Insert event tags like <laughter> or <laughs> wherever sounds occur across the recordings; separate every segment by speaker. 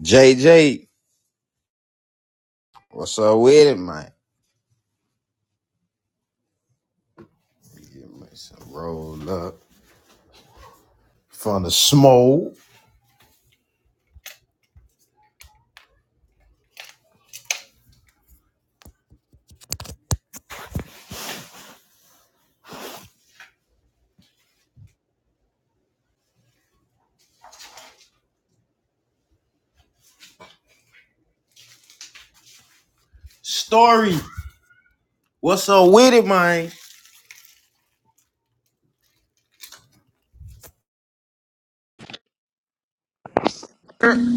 Speaker 1: JJ, what's up with it, man? Give me some roll up from the smoke. Story, what's up with it, man?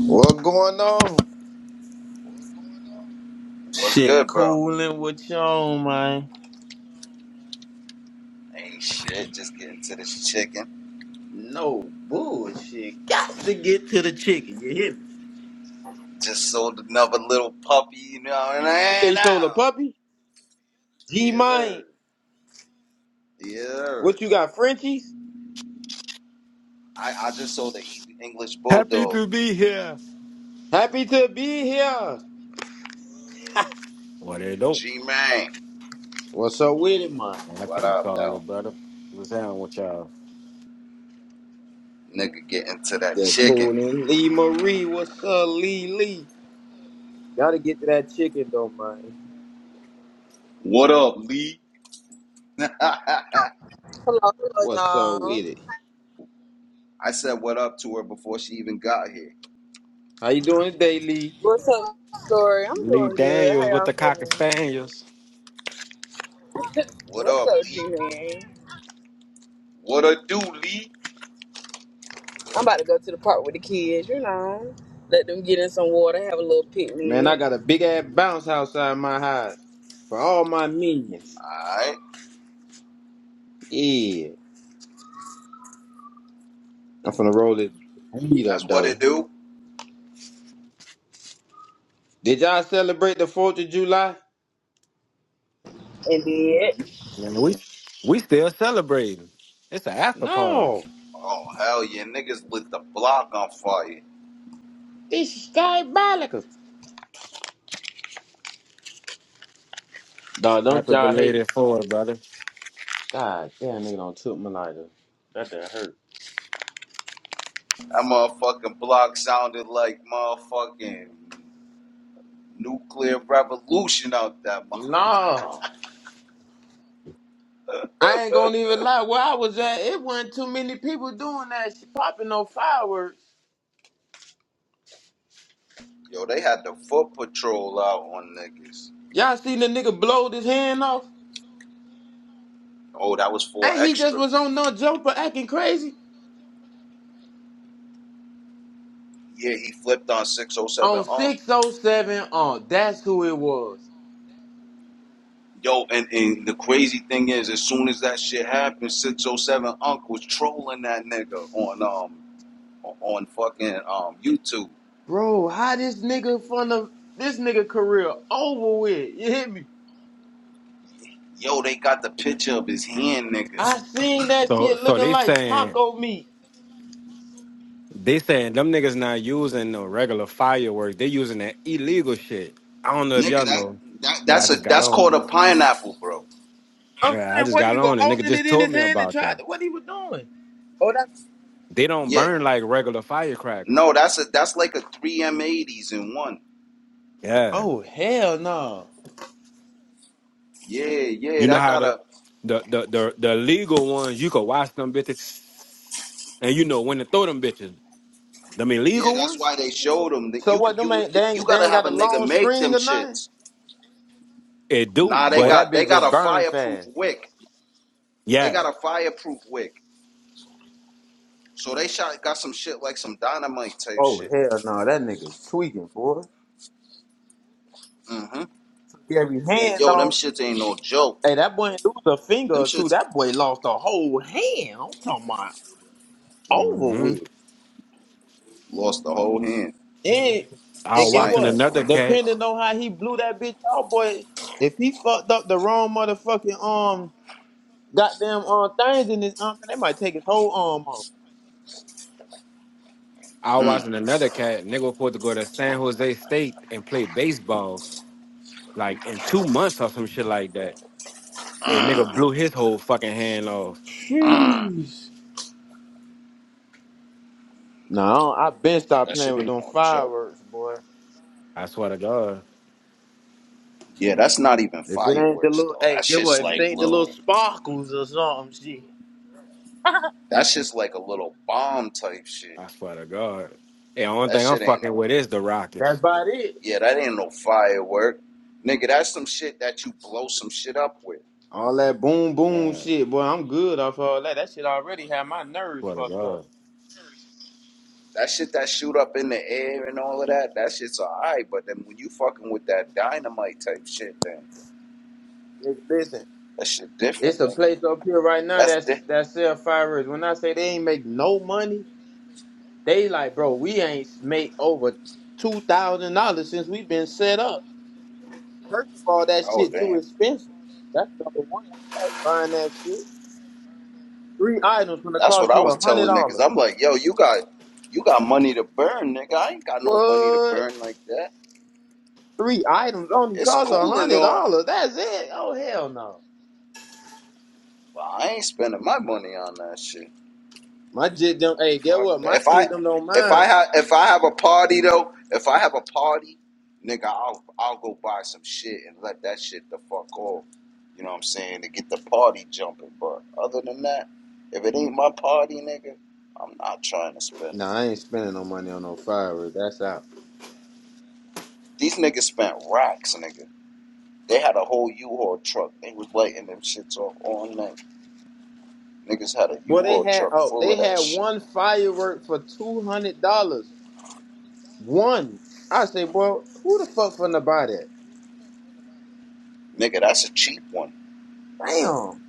Speaker 1: What going on?
Speaker 2: What's
Speaker 1: Shit,
Speaker 2: good, bro?
Speaker 1: cooling with you on, man.
Speaker 2: Ain't shit. Just getting to this chicken.
Speaker 1: No bullshit. Got to get to the chicken. You hear me?
Speaker 2: Just sold another little puppy. You know what
Speaker 1: You say
Speaker 2: I mean?
Speaker 1: you sold a
Speaker 2: Now,
Speaker 1: puppy? G
Speaker 2: yes,
Speaker 1: man,
Speaker 2: sir. Yes, sir.
Speaker 1: What you got, Frenchies?
Speaker 2: I, I just sold an English
Speaker 3: Happy
Speaker 2: bulldog.
Speaker 3: to be here.
Speaker 1: Happy to be here.
Speaker 3: What they do?
Speaker 2: G man,
Speaker 1: what's up with it, man?
Speaker 3: I
Speaker 2: what
Speaker 3: can't
Speaker 2: up,
Speaker 3: call
Speaker 2: though?
Speaker 3: it, brother. What's down with y'all?
Speaker 2: Nigga, getting to that
Speaker 1: That
Speaker 2: chicken.
Speaker 1: cooling. Lee Marie, what's up, Lee Lee? Gotta get to that chicken though, man.
Speaker 2: What up, Lee? <laughs>
Speaker 4: Hello, hello,
Speaker 1: What's up
Speaker 4: y'all.
Speaker 1: with it?
Speaker 2: I said what up to her before she even got here.
Speaker 1: How you doing today, Lee?
Speaker 4: What's up, story? I'm
Speaker 3: Lee
Speaker 4: doing good. How
Speaker 3: Daniels with
Speaker 4: y'all
Speaker 3: the cocker
Speaker 4: feeling?
Speaker 3: spaniels.
Speaker 2: What
Speaker 4: What's
Speaker 2: up,
Speaker 4: up, G
Speaker 2: Lee?
Speaker 4: man?
Speaker 2: What a do, Lee?
Speaker 4: I'm about to go to the park with the kids. You know, let them get in some water, have a little
Speaker 1: Man, I
Speaker 4: picnic,
Speaker 1: got a big ass bounce outside my house for all my minions.
Speaker 2: All right,
Speaker 1: Yeah. I'm finna roll this weed
Speaker 2: that's
Speaker 1: up
Speaker 2: what it
Speaker 1: though.
Speaker 2: do.
Speaker 1: Did y'all celebrate the 4th of July?
Speaker 4: and then
Speaker 3: Man, we we still celebrating. It's an after party.
Speaker 1: No.
Speaker 2: Oh hell yeah, niggas lit the block on fire.
Speaker 1: This is diabolical. Dog, don't
Speaker 3: Happy
Speaker 1: y'all hate
Speaker 3: belated for it, brother.
Speaker 1: God damn nigga don't took my lighter. That that hurt.
Speaker 2: That motherfucking block sounded like motherfucking nuclear revolution out that motherfucker.
Speaker 1: No. I ain't gonna even lie. Where I was at, it wasn't too many people doing that shit, popping no fireworks.
Speaker 2: Yo, they had the foot patrol out on niggas.
Speaker 1: Y'all seen the nigga blow his hand off?
Speaker 2: Oh, that was for
Speaker 1: And he just
Speaker 2: extra.
Speaker 1: was on no jumper acting crazy.
Speaker 2: Yeah, he flipped on 607
Speaker 1: On
Speaker 2: Unc.
Speaker 1: 607 on that's who it was.
Speaker 2: Yo, and, and the crazy thing is, as soon as that shit happened, 607 Unc was trolling that nigga on um on on fucking um YouTube.
Speaker 1: Bro, how this nigga from the this nigga career over with. You hit me?
Speaker 2: Yo, they got the picture of his hand, nigga.
Speaker 1: I seen that
Speaker 3: So
Speaker 1: shit
Speaker 3: so
Speaker 1: looking
Speaker 3: they
Speaker 1: like
Speaker 3: saying
Speaker 1: taco meat.
Speaker 3: they saying them niggas not using the regular fireworks. They using that illegal shit. I don't know if
Speaker 2: Nigga,
Speaker 3: y'all
Speaker 2: that,
Speaker 3: know,
Speaker 2: that
Speaker 3: but I
Speaker 2: that's a
Speaker 3: just got
Speaker 2: that's
Speaker 3: on.
Speaker 2: called
Speaker 3: it.
Speaker 2: a pineapple, bro.
Speaker 1: I'm
Speaker 3: Yeah, I
Speaker 1: saying
Speaker 3: just
Speaker 1: what he
Speaker 3: got
Speaker 1: was
Speaker 3: on and nigga
Speaker 1: holding it
Speaker 3: just
Speaker 1: in
Speaker 3: told
Speaker 1: his
Speaker 3: me
Speaker 1: hand and
Speaker 3: about
Speaker 1: tried
Speaker 3: them.
Speaker 1: to, what he was doing. Oh that
Speaker 3: They don't
Speaker 2: Yeah,
Speaker 3: burn like regular firecrackers.
Speaker 2: No, that's a that's like a three M eighties in one.
Speaker 3: Yeah.
Speaker 1: Oh hell no.
Speaker 2: Yeah, yeah,
Speaker 3: You know
Speaker 2: that
Speaker 3: how the
Speaker 2: gotta.
Speaker 3: the the the, the legal ones you could watch them bitches and you know when to throw them bitches. Them
Speaker 2: Yeah,
Speaker 3: illegal
Speaker 2: that's
Speaker 3: ones,
Speaker 2: why they showed them that
Speaker 1: So
Speaker 2: you
Speaker 1: what
Speaker 2: can
Speaker 1: them
Speaker 2: you
Speaker 1: ain't they
Speaker 2: you
Speaker 1: ain't they
Speaker 2: gotta
Speaker 1: ain't
Speaker 2: have
Speaker 1: got a
Speaker 2: a nigga
Speaker 1: long
Speaker 2: make
Speaker 1: screen
Speaker 2: them
Speaker 1: or nothing?
Speaker 2: shits.
Speaker 3: it do.
Speaker 2: Nah, they
Speaker 1: Oh
Speaker 3: But
Speaker 1: that
Speaker 2: got they
Speaker 1: bitch
Speaker 2: got
Speaker 1: just
Speaker 2: a
Speaker 1: burned
Speaker 2: fireproof
Speaker 1: fast.
Speaker 2: wick. They
Speaker 3: yeah,
Speaker 2: got a fireproof wick. So they shot got some shit like some dynamite type
Speaker 1: Oh
Speaker 2: shit.
Speaker 1: hell no, that nigga tweaking, boy.
Speaker 2: Mm-hmm.
Speaker 1: Took Every hand
Speaker 2: Yo, them
Speaker 1: on.
Speaker 2: shits ain't no joke.
Speaker 1: Hey, that boy didn't lose a finger
Speaker 2: Them
Speaker 1: or two.
Speaker 2: shits
Speaker 1: That boy lost a whole hand. I'm talking about over
Speaker 3: hmm
Speaker 1: with.
Speaker 2: lost the whole hand.
Speaker 1: And
Speaker 3: I
Speaker 1: and
Speaker 3: was
Speaker 1: get
Speaker 2: sight.
Speaker 3: watching
Speaker 1: what?
Speaker 3: another cat.
Speaker 1: Depending on how he blew that bitch out, boy, if he fucked up the wrong motherfucking um goddamn um things in his arm, they might take his whole arm off.
Speaker 3: I was watching another cat. Nigga was supposed to go to San Jose State and play baseball like in two months or some shit like that. And nigga blew his whole fucking hand off.
Speaker 1: Jeez. No, I been stopped
Speaker 2: That
Speaker 1: playing
Speaker 2: shit
Speaker 1: with
Speaker 2: ain't
Speaker 1: them
Speaker 2: no joke.
Speaker 1: fireworks, boy.
Speaker 3: I swear to God.
Speaker 2: Yeah, that's not even
Speaker 1: If it ain't the
Speaker 2: fireworks
Speaker 1: little
Speaker 2: though. That
Speaker 1: hey, get
Speaker 2: shit's
Speaker 1: what? If it
Speaker 2: like
Speaker 1: ain't the little
Speaker 2: little.
Speaker 1: sparkles or something, shit.
Speaker 2: That shit's like a little bomb type shit.
Speaker 3: I swear to God. The only
Speaker 2: That
Speaker 3: thing I'm
Speaker 2: shit ain't
Speaker 3: fucking
Speaker 2: no.
Speaker 3: with is the
Speaker 1: That's
Speaker 3: Rockets.
Speaker 1: about it.
Speaker 2: Yeah, that ain't no firework, nigga. That's some shit that you blow some shit up with.
Speaker 1: All that boom boom
Speaker 3: Yeah,
Speaker 1: shit, boy, I'm good off all that. That shit already had my nerves
Speaker 3: swear to
Speaker 1: fucked
Speaker 3: God.
Speaker 1: up.
Speaker 2: That shit that shoot up in the air and all of that. That shit's alright, but then when you fucking with that dynamite type shit, then
Speaker 1: Nigga, Listen,
Speaker 2: that shit
Speaker 1: it's
Speaker 2: different,
Speaker 1: a
Speaker 2: nigga.
Speaker 1: place up here right now
Speaker 2: That's di-
Speaker 1: that's that sell fireworks. When I say they ain't make no money, they like, bro, we ain't made over two thousand dollars since we been set up. First of all, that
Speaker 2: Oh
Speaker 1: shit too
Speaker 2: damn.
Speaker 1: expensive. That's number one. Ain't nobody buying that shit. Three items gonna
Speaker 2: That's what
Speaker 1: cost
Speaker 2: I
Speaker 1: you
Speaker 2: was
Speaker 1: a hundred
Speaker 2: telling niggas.
Speaker 1: dollars.
Speaker 2: I'm like, yo, you got, you got money to burn, nigga. I ain't got no money to
Speaker 1: What?
Speaker 2: burn like that.
Speaker 1: Three items only
Speaker 2: It's
Speaker 1: cost a
Speaker 2: cool and
Speaker 1: hundred
Speaker 2: all,
Speaker 1: dollars. That's it. Oh hell no.
Speaker 2: but I ain't spending my money on that shit.
Speaker 1: My jit them. Hey, get
Speaker 2: Fuck.
Speaker 1: what? My
Speaker 2: If I
Speaker 1: kid them don't
Speaker 2: if I
Speaker 1: mind.
Speaker 2: have if I have a party though, if I have a party, nigga, I'll I'll go buy some shit and let that shit the fuck off. You know what I'm saying? To get the party jumping. But other than that, if it ain't my party, nigga, I'm not trying to spend.
Speaker 1: Nah, I ain't spending no money on no firework. That's out.
Speaker 2: These niggas spent racks, nigga. They had a whole U-Haul truck. They was lighting them shits off all night. Niggas had a
Speaker 1: Boy, they
Speaker 2: U-Haul
Speaker 1: had
Speaker 2: truck
Speaker 1: oh,
Speaker 2: full
Speaker 1: they
Speaker 2: of that
Speaker 1: had
Speaker 2: shit.
Speaker 1: one firework for two hundred dollars. One. I say, boy, who the fuck finna buy that?
Speaker 2: Nigga, that's a cheap one.
Speaker 1: Damn.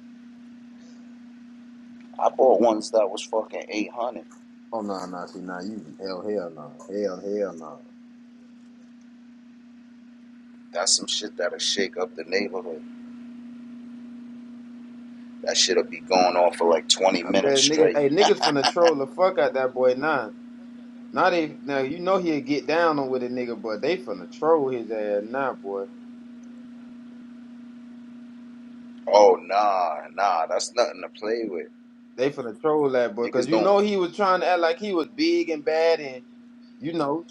Speaker 2: I bought ones that was fucking 800.
Speaker 1: Oh no, no, see, nah, you hell, hell, no, hell, hell, no.
Speaker 2: That's some shit that'll shake up the neighborhood. That shit'll be going on for like 20
Speaker 1: I
Speaker 2: minutes
Speaker 1: bet niggas,
Speaker 2: straight.
Speaker 1: hey, niggas finna troll the fuck out that boy now. Now they, now you know he'll get down on with a nigga, but they finna troll his ass now, boy.
Speaker 2: Oh, nah, nah, that's nothing to play with.
Speaker 1: They finna troll that boy, cause
Speaker 2: Niggas
Speaker 1: you know
Speaker 2: don't.
Speaker 1: he was trying to act like he was big and bad, and you know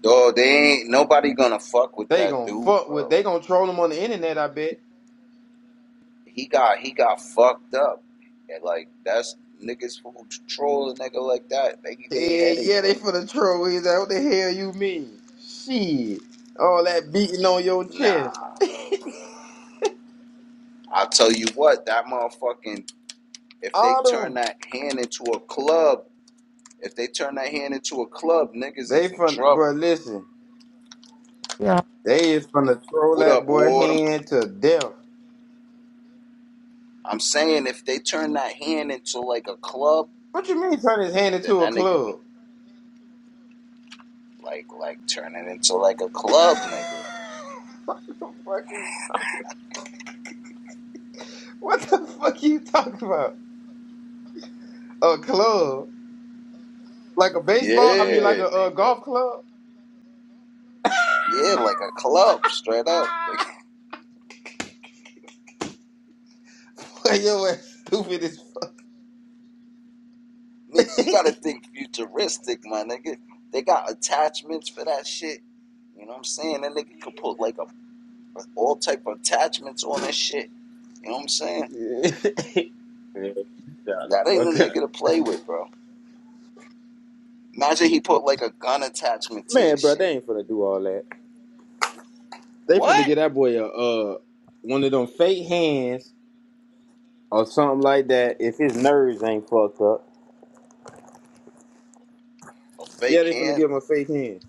Speaker 2: Dog, they ain't nobody gonna fuck with
Speaker 1: they
Speaker 2: that
Speaker 1: gonna
Speaker 2: dude,
Speaker 1: fuck with,
Speaker 2: bro.
Speaker 1: they gonna troll him on the internet. I bet.
Speaker 2: He got he got fucked up. And like that's niggas who troll a nigga like that. They they
Speaker 1: Yeah,
Speaker 2: head
Speaker 1: yeah,
Speaker 2: ain't
Speaker 1: they
Speaker 2: right.
Speaker 1: finna troll his. ass. What the hell you mean? Shit, all that beating on your chest,
Speaker 2: Nah. I'll tell you what, that motherfucking if they turn
Speaker 1: Autumn.
Speaker 2: that hand into a club, if they turn that hand into a club, niggas
Speaker 1: They
Speaker 2: is in
Speaker 1: fun,
Speaker 2: trouble.
Speaker 1: bro. Listen,
Speaker 5: Yeah.
Speaker 1: they is finna troll
Speaker 2: What up,
Speaker 1: that boy
Speaker 2: Autumn?
Speaker 1: hand to death.
Speaker 2: I'm saying if they turn that hand into like a club,
Speaker 1: What you mean turn his hand
Speaker 2: then
Speaker 1: into a
Speaker 2: that nigga
Speaker 1: club?
Speaker 2: can like like turn it into like a club,
Speaker 1: <laughs>
Speaker 2: nigga.
Speaker 1: What the fuck you talking? What the fuck you talking about? A club? Like a baseball, I mean, like
Speaker 2: Yeah,
Speaker 1: a uh,
Speaker 2: nigga.
Speaker 1: golf club.
Speaker 2: Yeah, like a club, straight up. <laughs>
Speaker 1: <laughs> Boy, your ass stupid as fuck.
Speaker 2: Nigga, nigga
Speaker 1: <laughs>
Speaker 2: you gotta think futuristic, my nigga. They got attachments for that shit. You know what I'm saying? That nigga could put like a all type of attachments on that shit. You know what I'm saying?
Speaker 1: yeah, shut the
Speaker 2: That ain't a
Speaker 1: fuck up.
Speaker 2: nigga to play with, bro. Imagine he put like a gun attachment to
Speaker 1: Man,
Speaker 2: his
Speaker 1: bro,
Speaker 2: shit.
Speaker 1: they ain't finna do all that. They finna
Speaker 2: What?
Speaker 1: get that boy a uh one of them fake hands or something like that. If his nerves ain't fucked up,
Speaker 2: A
Speaker 1: yeah,
Speaker 2: fake
Speaker 1: they finna
Speaker 2: hand?
Speaker 1: give him a fake hand.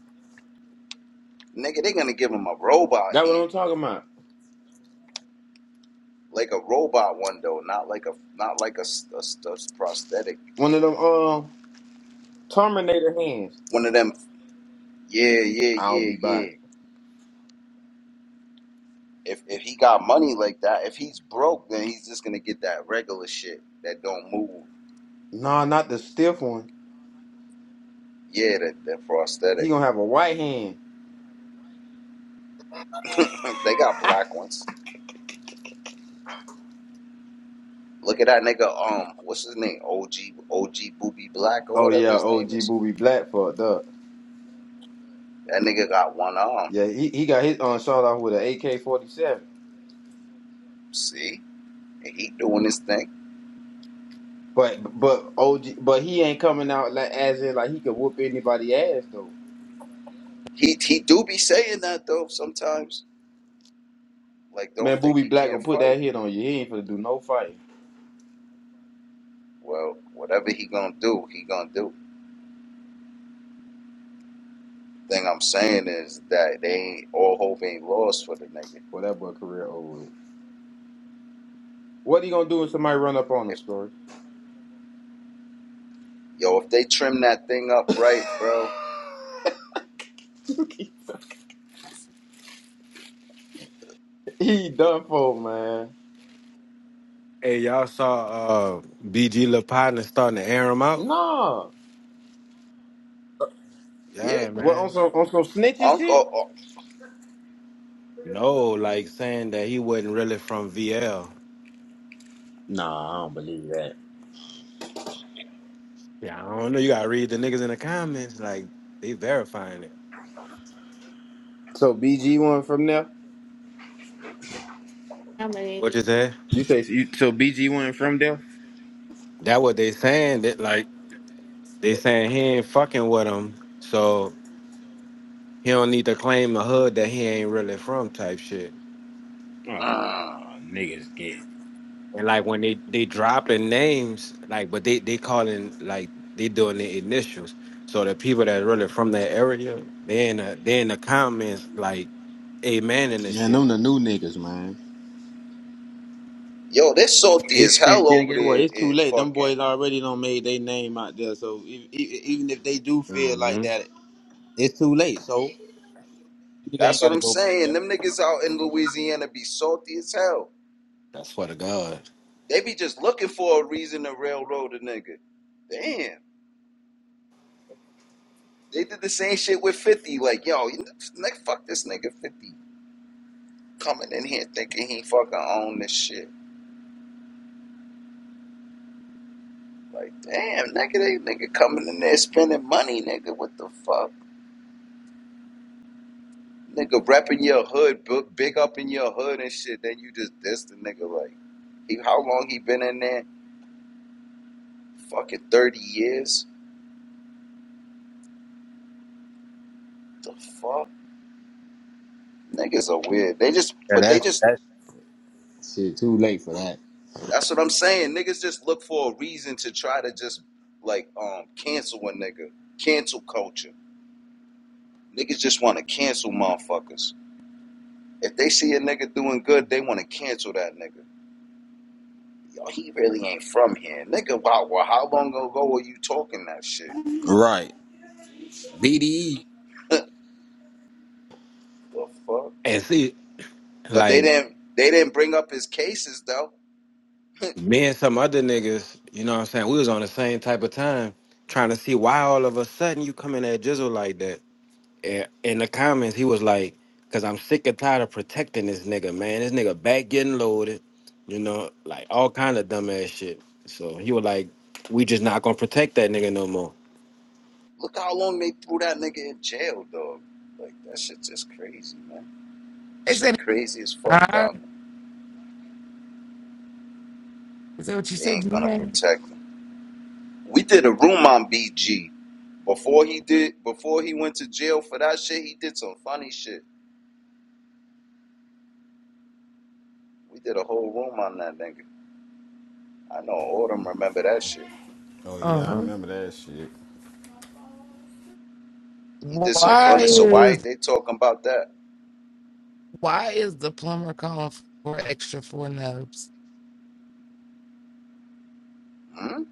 Speaker 2: Nigga, they are gonna give him a robot
Speaker 1: That what I'm
Speaker 2: hand,
Speaker 1: talking about.
Speaker 2: like a robot one though, not like a not like a a a prosthetic.
Speaker 1: One of them um Terminator hands.
Speaker 2: One of them. Yeah, yeah,
Speaker 1: I'll
Speaker 2: yeah,
Speaker 1: be
Speaker 2: yeah.
Speaker 1: back.
Speaker 2: If if he got money like that, if he's broke, then he's just gonna get that regular shit that don't move.
Speaker 1: Nah, not the stiff one.
Speaker 2: Yeah, that that
Speaker 1: He
Speaker 2: prosthetic.
Speaker 1: gonna have a white hand.
Speaker 2: <laughs> they got black ones. Look at that nigga. Um, what's his name? OG OG Booby Black or
Speaker 1: Oh
Speaker 2: whatever
Speaker 1: yeah,
Speaker 2: his
Speaker 1: OG
Speaker 2: name is.
Speaker 1: Booby Black fucked up.
Speaker 2: That nigga got one arm.
Speaker 1: Yeah, he, he got his um, shot off with an AK forty seven.
Speaker 2: See, and he doing his thing.
Speaker 1: But but OG but he ain't coming out like as in like he could whoop anybody ass though.
Speaker 2: He he do be saying that though sometimes. Like, don't
Speaker 1: Man,
Speaker 2: think
Speaker 1: Booby
Speaker 2: he
Speaker 1: Black
Speaker 2: can't
Speaker 1: gonna put that
Speaker 2: fight.
Speaker 1: hit on you. He ain't gonna do no fighting.
Speaker 2: Well, whatever he gonna do, he gonna do. Thing I'm saying is that they ain't all hope ain't lost for the nigga.
Speaker 1: Boy, that boy career over. with. What he gonna do if somebody run up on him,
Speaker 2: If
Speaker 1: story?
Speaker 2: yo, if they trim that thing up
Speaker 1: <laughs>
Speaker 2: right, bro,
Speaker 1: he done for, man.
Speaker 3: Hey, y'all saw uh BG LaPotna starting to air him out?
Speaker 1: Nah.
Speaker 2: yeah,
Speaker 3: Yeah,
Speaker 1: What on
Speaker 3: man.
Speaker 1: some on some snitching shit?
Speaker 2: Uncle,
Speaker 3: No, like saying that he wasn't really from VL.
Speaker 1: Nah, I don't believe that.
Speaker 3: Yeah, I don't know. You gotta read the niggas in the comments. Like they verifying it.
Speaker 1: So BG one from there?
Speaker 3: How many? What you say?
Speaker 1: You say you so BG one from there?
Speaker 3: That what they saying that
Speaker 1: Right.
Speaker 3: like they saying he ain't fucking with him, so he don't need to claim the hood that he ain't really from type shit.
Speaker 2: oh, mm.
Speaker 1: Oh, niggas get.
Speaker 3: And like when they they dropping names, like but they they calling like they doing the initials. So the people that really from that area, they in the they in the comments like, amen and this
Speaker 1: Man,
Speaker 3: shit.
Speaker 1: them the new niggas, man.
Speaker 2: yo, they're salty as
Speaker 1: It's Yeah. and
Speaker 2: hell
Speaker 1: then
Speaker 2: over
Speaker 1: get what?
Speaker 2: there
Speaker 1: It's too
Speaker 2: in
Speaker 1: late. Them boys
Speaker 2: fucking.
Speaker 1: already done made their name out there. So if, e- even if they do feel like
Speaker 3: hmm
Speaker 1: that, it's too late. So nigga
Speaker 2: That's
Speaker 1: ain't got
Speaker 2: what
Speaker 1: to
Speaker 2: I'm
Speaker 1: go back
Speaker 2: saying.
Speaker 1: there.
Speaker 2: Them niggas out in Louisiana be salty as hell.
Speaker 3: That's for the God.
Speaker 2: They be just looking for a reason to railroad a nigga. Damn. They did the same shit with 50. Like, yo, you- nigga, fuck this nigga 50. coming in here thinking he fucking own this shit. Like, damn, nigga, they nigga coming in there spending money, nigga. What the fuck? Nigga repping your hood, big up in your hood and shit. Then you just diss the nigga like, he, how long he been in there? Fucking 30 years? The fuck? Niggas are weird. They just,
Speaker 1: Yeah,
Speaker 2: but they
Speaker 1: that's
Speaker 2: just,
Speaker 1: that's shit. Too late for that.
Speaker 2: that's what I'm saying. Niggas just look for a reason to try to just, like, um, cancel a nigga. Cancel culture. Niggas just want to cancel motherfuckers. If they see a nigga doing good, they want to cancel that nigga. Yo, he really ain't from here, nigga. Wow, well, how long ago were you talking that shit?
Speaker 1: Right. BDE.
Speaker 2: The fuck?
Speaker 3: And see,
Speaker 2: But they
Speaker 3: like
Speaker 2: didn't. They didn't bring up his cases though.
Speaker 3: me and some other niggas, you know what I'm saying? We was on the same type of time trying to see why all of a sudden you come in that jizzle like that. eh, in the comments, he was like, "Cause I'm sick and tired of protecting this nigga, man. This nigga back getting loaded, you know, like all kind of dumbass shit." So he was like, "We just not gonna protect that nigga no more."
Speaker 2: Look how long they threw that nigga in jail, dog. Like that shit just crazy, man.
Speaker 5: They said
Speaker 2: Shit
Speaker 5: he
Speaker 2: crazy as fuck down
Speaker 5: died.
Speaker 2: there.
Speaker 5: Is that what you
Speaker 2: They
Speaker 5: said,
Speaker 2: ain't gonna
Speaker 5: Janae?
Speaker 2: protect him. We did a room on BG before he did. Before he went to jail for that shit, he did some funny shit. We did a whole room on that nigga. I know all of them remember that shit.
Speaker 1: Oh
Speaker 5: Uh
Speaker 1: yeah, I
Speaker 5: huh.
Speaker 1: remember that shit.
Speaker 2: He did some
Speaker 5: Why
Speaker 2: funny. So why
Speaker 5: is
Speaker 2: they talking about that?
Speaker 5: why is the plumber calling for extra four nubs?
Speaker 2: Hmm?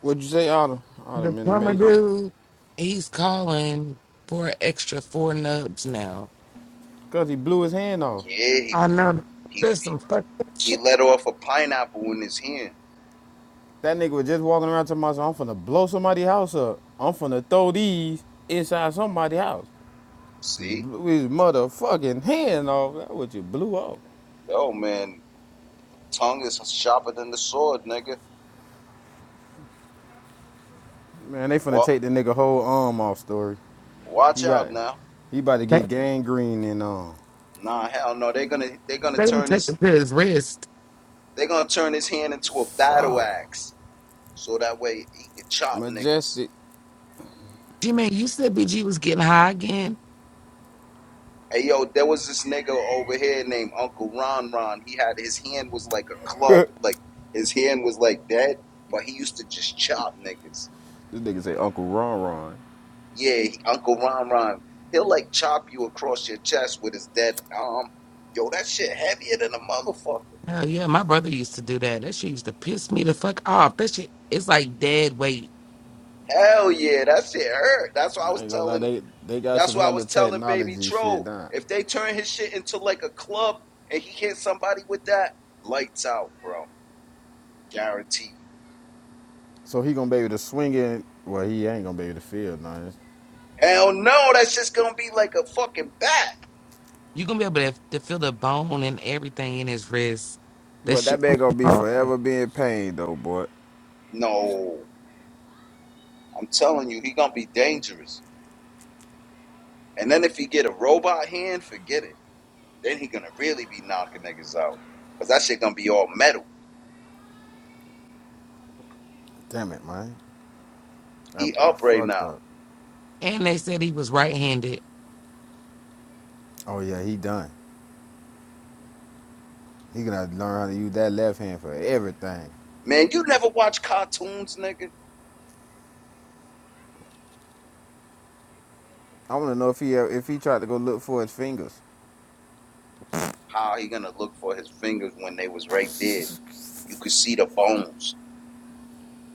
Speaker 1: What'd you say, Autumn?
Speaker 5: The
Speaker 1: Autumn in the
Speaker 5: plumber
Speaker 1: matrix.
Speaker 5: dude, he's calling for extra four nubs now.
Speaker 1: Cause he blew his hand off.
Speaker 2: Yeah, he,
Speaker 5: I know
Speaker 2: he
Speaker 5: there's
Speaker 2: he
Speaker 5: some fucked up
Speaker 2: he
Speaker 5: shit.
Speaker 2: let off a pineapple in his hand.
Speaker 1: That nigga was just walking around to myself, I'm finna blow somebody's house up. I'm finna throw these inside somebody's house.
Speaker 2: See,
Speaker 1: Blew his motherfucking hand off. That what you blew off.
Speaker 2: yo man, tongue is sharper than the sword, nigga.
Speaker 1: Man, they finna
Speaker 2: Well,
Speaker 1: take the nigga whole arm off, story.
Speaker 2: watch
Speaker 1: He got,
Speaker 2: out now.
Speaker 1: he about to
Speaker 5: They,
Speaker 1: get gangrene and um.
Speaker 2: Nah, hell no. They're gonna they're gonna
Speaker 5: they didn't
Speaker 2: turn
Speaker 5: take
Speaker 2: his
Speaker 5: it to his wrist.
Speaker 2: they're gonna turn his hand into a battle
Speaker 1: Fuck.
Speaker 2: axe, so that way he can chop niggas.
Speaker 1: Majestic.
Speaker 5: G man, you said BG was getting high again.
Speaker 2: Hey yo, there was this nigga over here named Uncle Ron Ron. He had his hand was like a club, like his hand was like dead, but he used to just chop niggas.
Speaker 1: This nigga say Uncle Ron Ron.
Speaker 2: Yeah, he, Uncle Ron Ron. He'll like chop you across your chest with his dead arm. Yo, that shit heavier than a motherfucker.
Speaker 5: Hell yeah, my brother used to do that. That shit used to piss me the fuck off. That shit, it's like dead weight.
Speaker 2: Hell yeah, that shit hurt. That's what I was
Speaker 1: I ain't gonna lie,
Speaker 2: telling.
Speaker 1: they, they got
Speaker 2: That's
Speaker 1: some
Speaker 2: what I was
Speaker 1: hella
Speaker 2: telling Baby
Speaker 1: technology shit
Speaker 2: Troll.
Speaker 1: down.
Speaker 2: If they turn his shit into like a club and he hit somebody with that, lights out, bro. Guaranteed.
Speaker 1: So he gonna be able to swing it. Well, he ain't gonna be able to feel nothing.
Speaker 2: Hell no, that's just gonna be like a fucking bat.
Speaker 5: you gonna be able to, to feel the bone and everything in his wrist. That
Speaker 1: But that
Speaker 5: shit. gonna
Speaker 1: man gonna
Speaker 5: be
Speaker 1: be
Speaker 5: hard.
Speaker 1: forever being pain though, boy.
Speaker 2: No, I'm telling you, he gonna be dangerous. And then if he get a robot hand, forget it. Then he gonna really be knocking niggas out. Cause that shit gonna be all metal.
Speaker 1: Damn it, man.
Speaker 2: He
Speaker 1: That boy
Speaker 2: up right
Speaker 1: fucked
Speaker 2: now.
Speaker 1: up.
Speaker 5: And they said he was right handed.
Speaker 1: Oh yeah, he done. He gonna learn how to use that left hand for everything.
Speaker 2: Man, you never watch cartoons, nigga.
Speaker 1: I want to know if he if he tried to go look for his fingers.
Speaker 2: How he gonna look for his fingers when they was right there? You could see the bones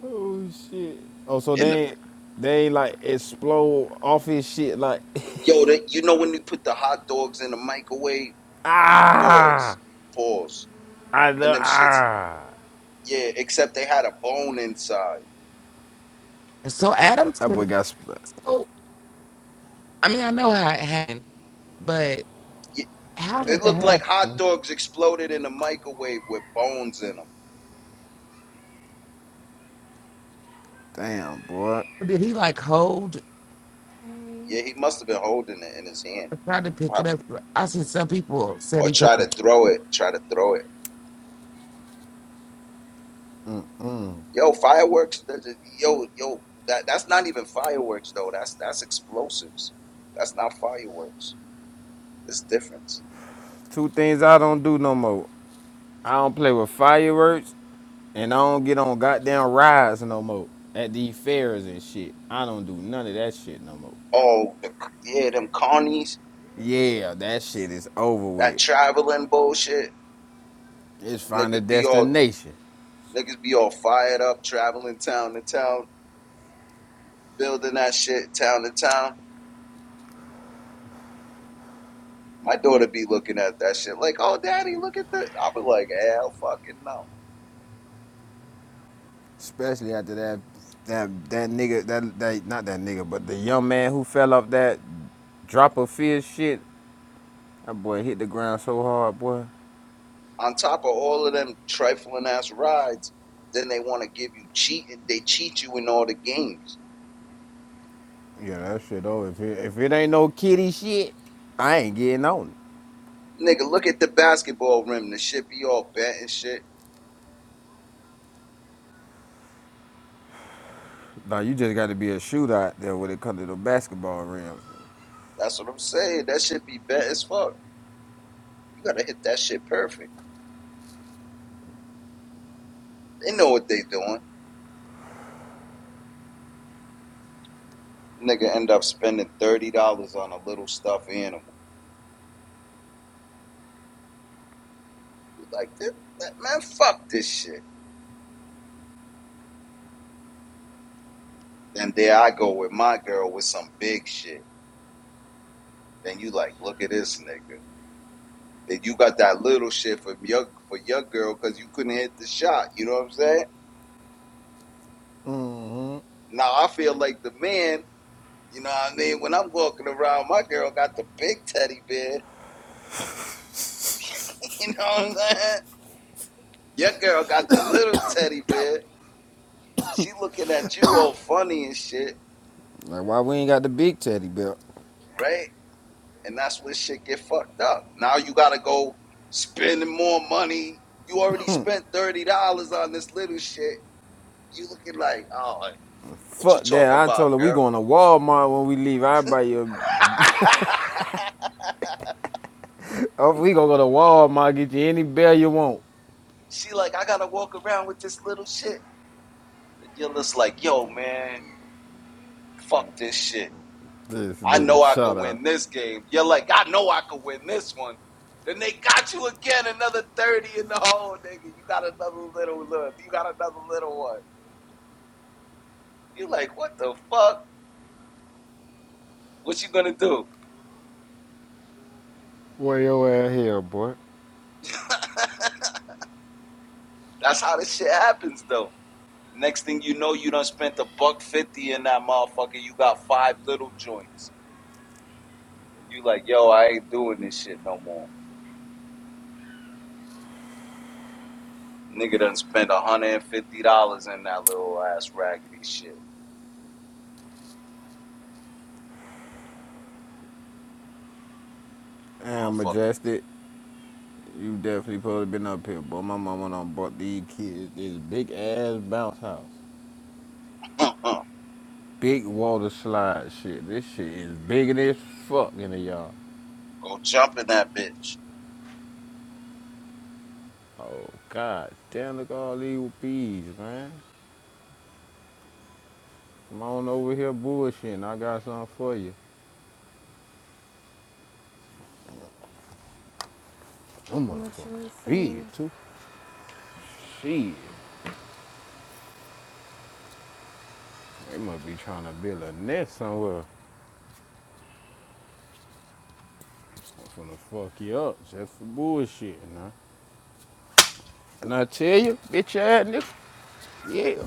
Speaker 1: Oh shit. Oh, so
Speaker 2: in the
Speaker 1: they ain't they ain't like explode off his shit like
Speaker 2: yo. The, you know when you put the hot dogs in the microwave?
Speaker 1: <laughs> ah
Speaker 2: Pause, pause,
Speaker 1: I
Speaker 2: and
Speaker 1: love
Speaker 2: them shits.
Speaker 1: ah
Speaker 2: Yeah, except they had a bone inside.
Speaker 5: And so Adams
Speaker 1: That boy
Speaker 5: couldn't-
Speaker 1: got split.
Speaker 5: so I mean I know how it happened, but
Speaker 2: Yeah,
Speaker 5: how
Speaker 2: It
Speaker 5: did it
Speaker 2: looked like hot
Speaker 5: happen?
Speaker 2: dogs exploded in a microwave with bones in them.
Speaker 1: Damn, boy.
Speaker 5: Did he like hold
Speaker 6: Hey,
Speaker 2: Yeah, he must have been holding it in his hand,
Speaker 5: or try to pick it
Speaker 2: probably,
Speaker 5: up? I seen some people said
Speaker 2: or
Speaker 5: he tried.
Speaker 2: try to throw it. Try to throw it. Yo, fireworks. th- th- Yo, yo, that that's not even fireworks though. That's that's explosives. That's not fireworks. It's difference.
Speaker 1: Two things I don't do no more. I don't play with fireworks, and I don't get on goddamn rides no more at these fairs and shit. I don't do none of that shit no more.
Speaker 2: Oh, the, yeah, them carnies.
Speaker 1: Yeah, that shit is over
Speaker 2: That
Speaker 1: with.
Speaker 2: traveling bullshit.
Speaker 1: It's find a
Speaker 2: Niggas be all
Speaker 1: destination.
Speaker 2: niggas be all fired up, traveling town to town, building that shit town to town. My daughter be looking at that shit like, oh, daddy, look at that. I be like, hell fucking no.
Speaker 1: Especially after that that that nigga that that not that nigga, but the young man who fell off that drop of fish shit. That boy hit the ground so hard, boy.
Speaker 2: On top of all of them trifling ass rides, then they want to give you cheat. They cheat you in all the games.
Speaker 1: Yeah, that shit over. If it, if it ain't no kitty shit, I ain't getting on it.
Speaker 2: Nigga, look at the basketball rim. The shit be all bent and shit.
Speaker 1: Now you just got to be a shootout there when it comes to the basketball rim.
Speaker 2: That's what I'm saying. That shit be bent as fuck. You gotta hit that shit perfect. They know what they doing. Nigga end up spending thirty dollars on a little stuffed animal. You like this? Man, fuck this shit. Then there I go with my girl with some big shit. Then you like, look at this nigga. Then you got that little shit for your for your girl because you couldn't hit the shot. You know what I'm saying? Now I feel like the man. You know what I mean? When I'm walking around, my girl got the big teddy bear. <laughs> You know what I'm saying? Your girl got the little teddy bear. She looking at you all funny and shit,
Speaker 1: Like why we ain't got the big teddy belt?
Speaker 2: right? And that's when shit get fucked up. Now you gotta go spending more money. You already spent thirty dollars on this little shit you looking like, oh What you
Speaker 1: Fuck that!
Speaker 2: talking
Speaker 1: I told her
Speaker 2: about,
Speaker 1: we
Speaker 2: girl?
Speaker 1: going to Walmart when we leave. I buy you.
Speaker 2: <laughs>
Speaker 1: A, oh, we gonna go to Walmart get you any bell you want.
Speaker 2: she like, I gotta walk around with this little shit. Yula's like, yo, man, fuck this shit.
Speaker 1: This
Speaker 2: I
Speaker 1: nigga,
Speaker 2: know I could
Speaker 1: shout out.
Speaker 2: win this game. You're like, I know I could win this one. Then they got you again, another 30 in the hole, nigga. You got another little look. You got another little one. You like, what the fuck? What you gonna do?
Speaker 1: Where your ass here, boy?
Speaker 2: That's how this shit happens though. Next thing you know, you done spent a buck fifty in that motherfucker. You got five little joints. You like, yo, I ain't doing this shit no more. Nigga done spent one hundred and fifty dollars in that little ass raggedy shit.
Speaker 1: Damn,
Speaker 2: Motherfucker.
Speaker 1: Majestic, you definitely probably been up here, but My mama done bought these kids this big ass bounce house. Big water slide shit. This shit is bigger than fuck in the yard.
Speaker 2: <laughs> Go jump in that bitch.
Speaker 1: Oh, god damn, look at all these bees, man. Come on over here bullshitting. I got something for you. Them
Speaker 6: much
Speaker 1: motherfuckers
Speaker 6: was saying.
Speaker 1: big, too. Shit, they must be trying to build a nest somewhere. I'm finna fuck you up just for bullshitting, huh? And I tell you, bitch ass nigga, yeah.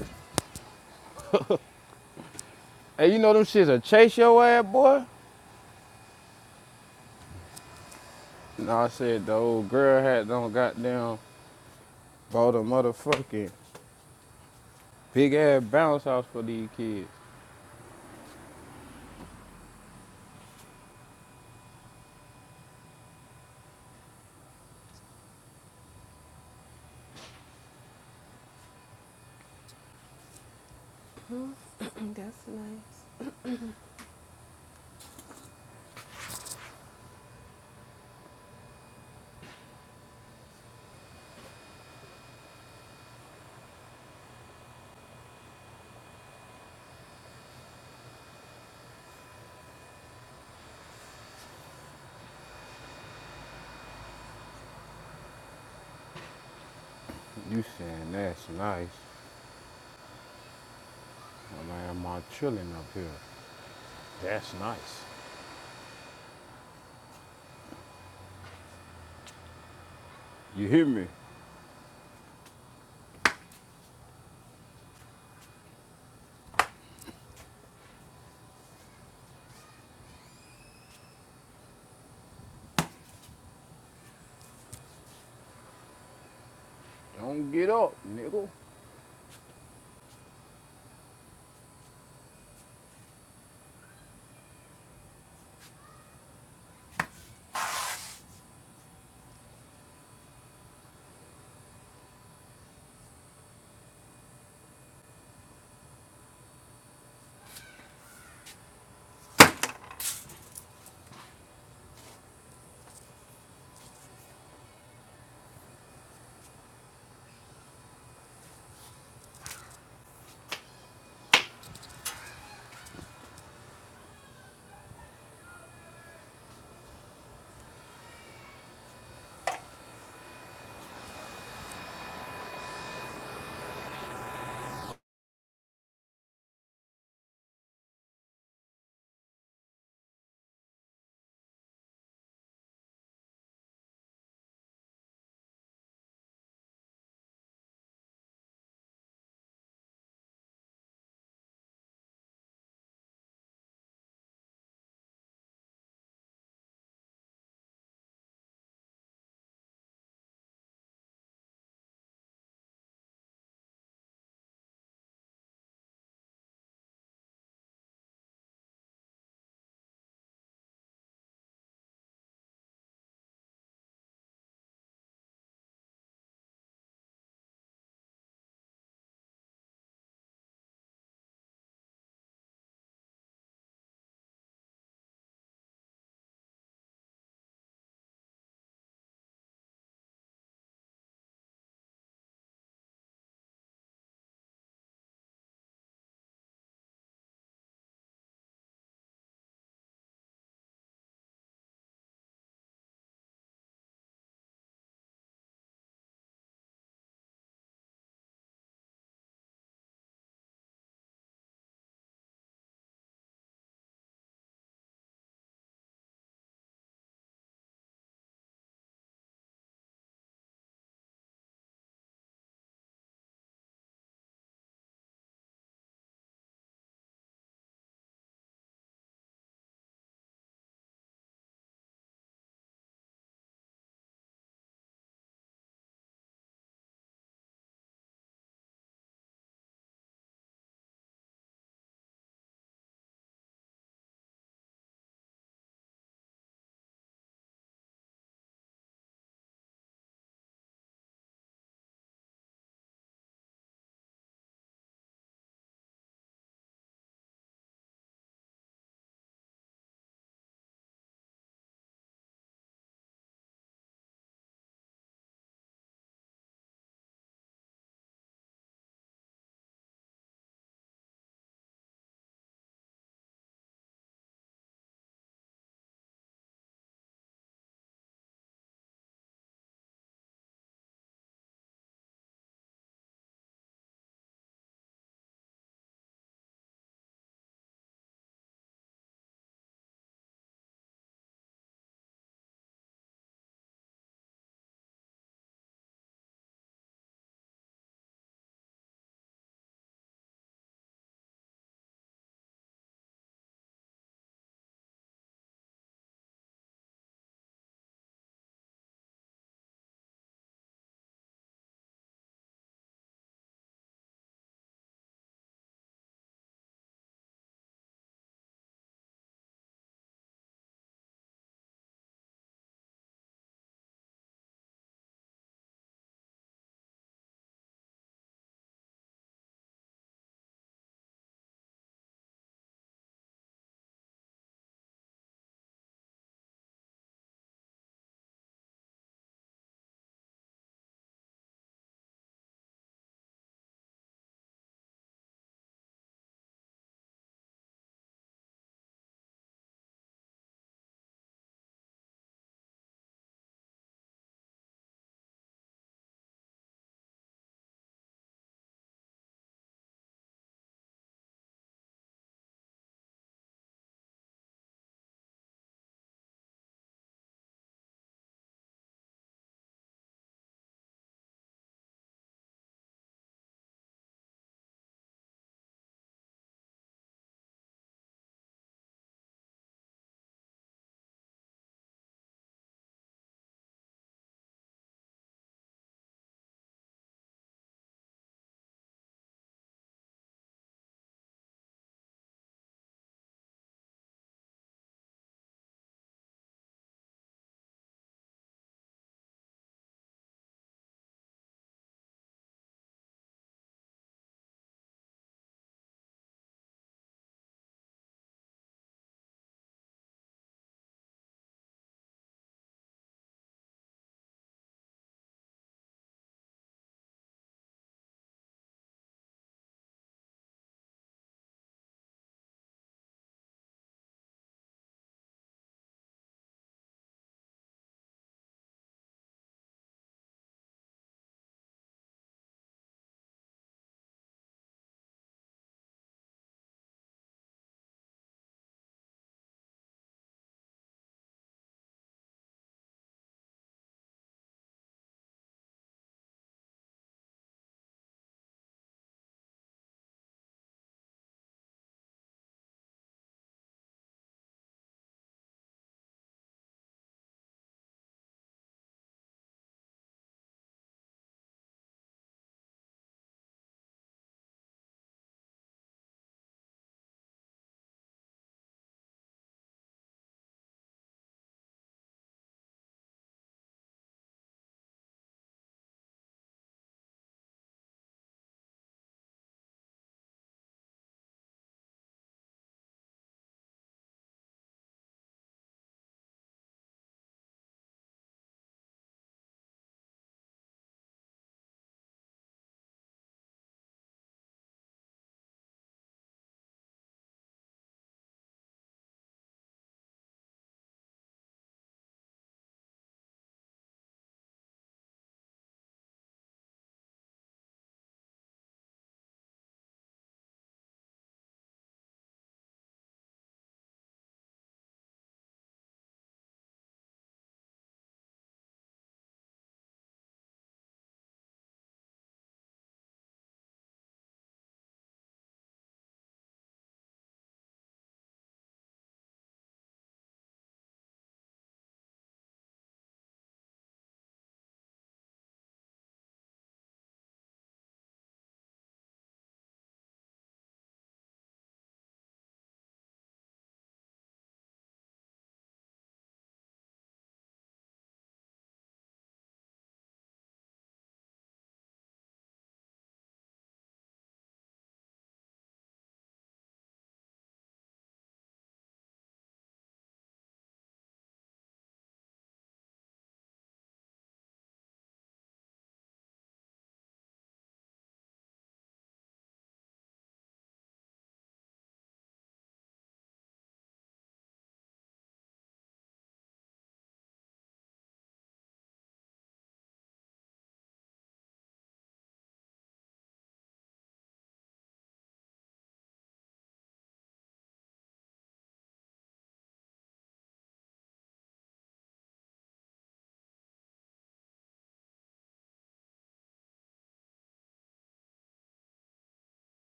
Speaker 1: Hey, you know them shits will chase your ass, boy. No, I said the old girl had done goddamn bought a motherfucking big ass bounce house for these kids.
Speaker 6: <clears throat> That's nice.
Speaker 1: You saying that's nice. Oh, man, I'm all chilling up here. That's nice. You hear me? Don't get up, nigga.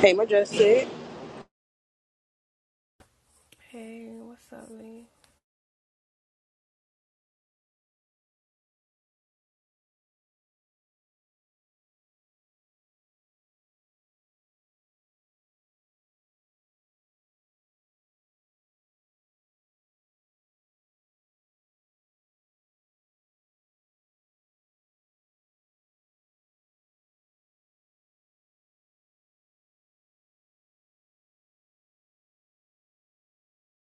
Speaker 4: hey, my dress set.
Speaker 6: Hey, what's up, Lee?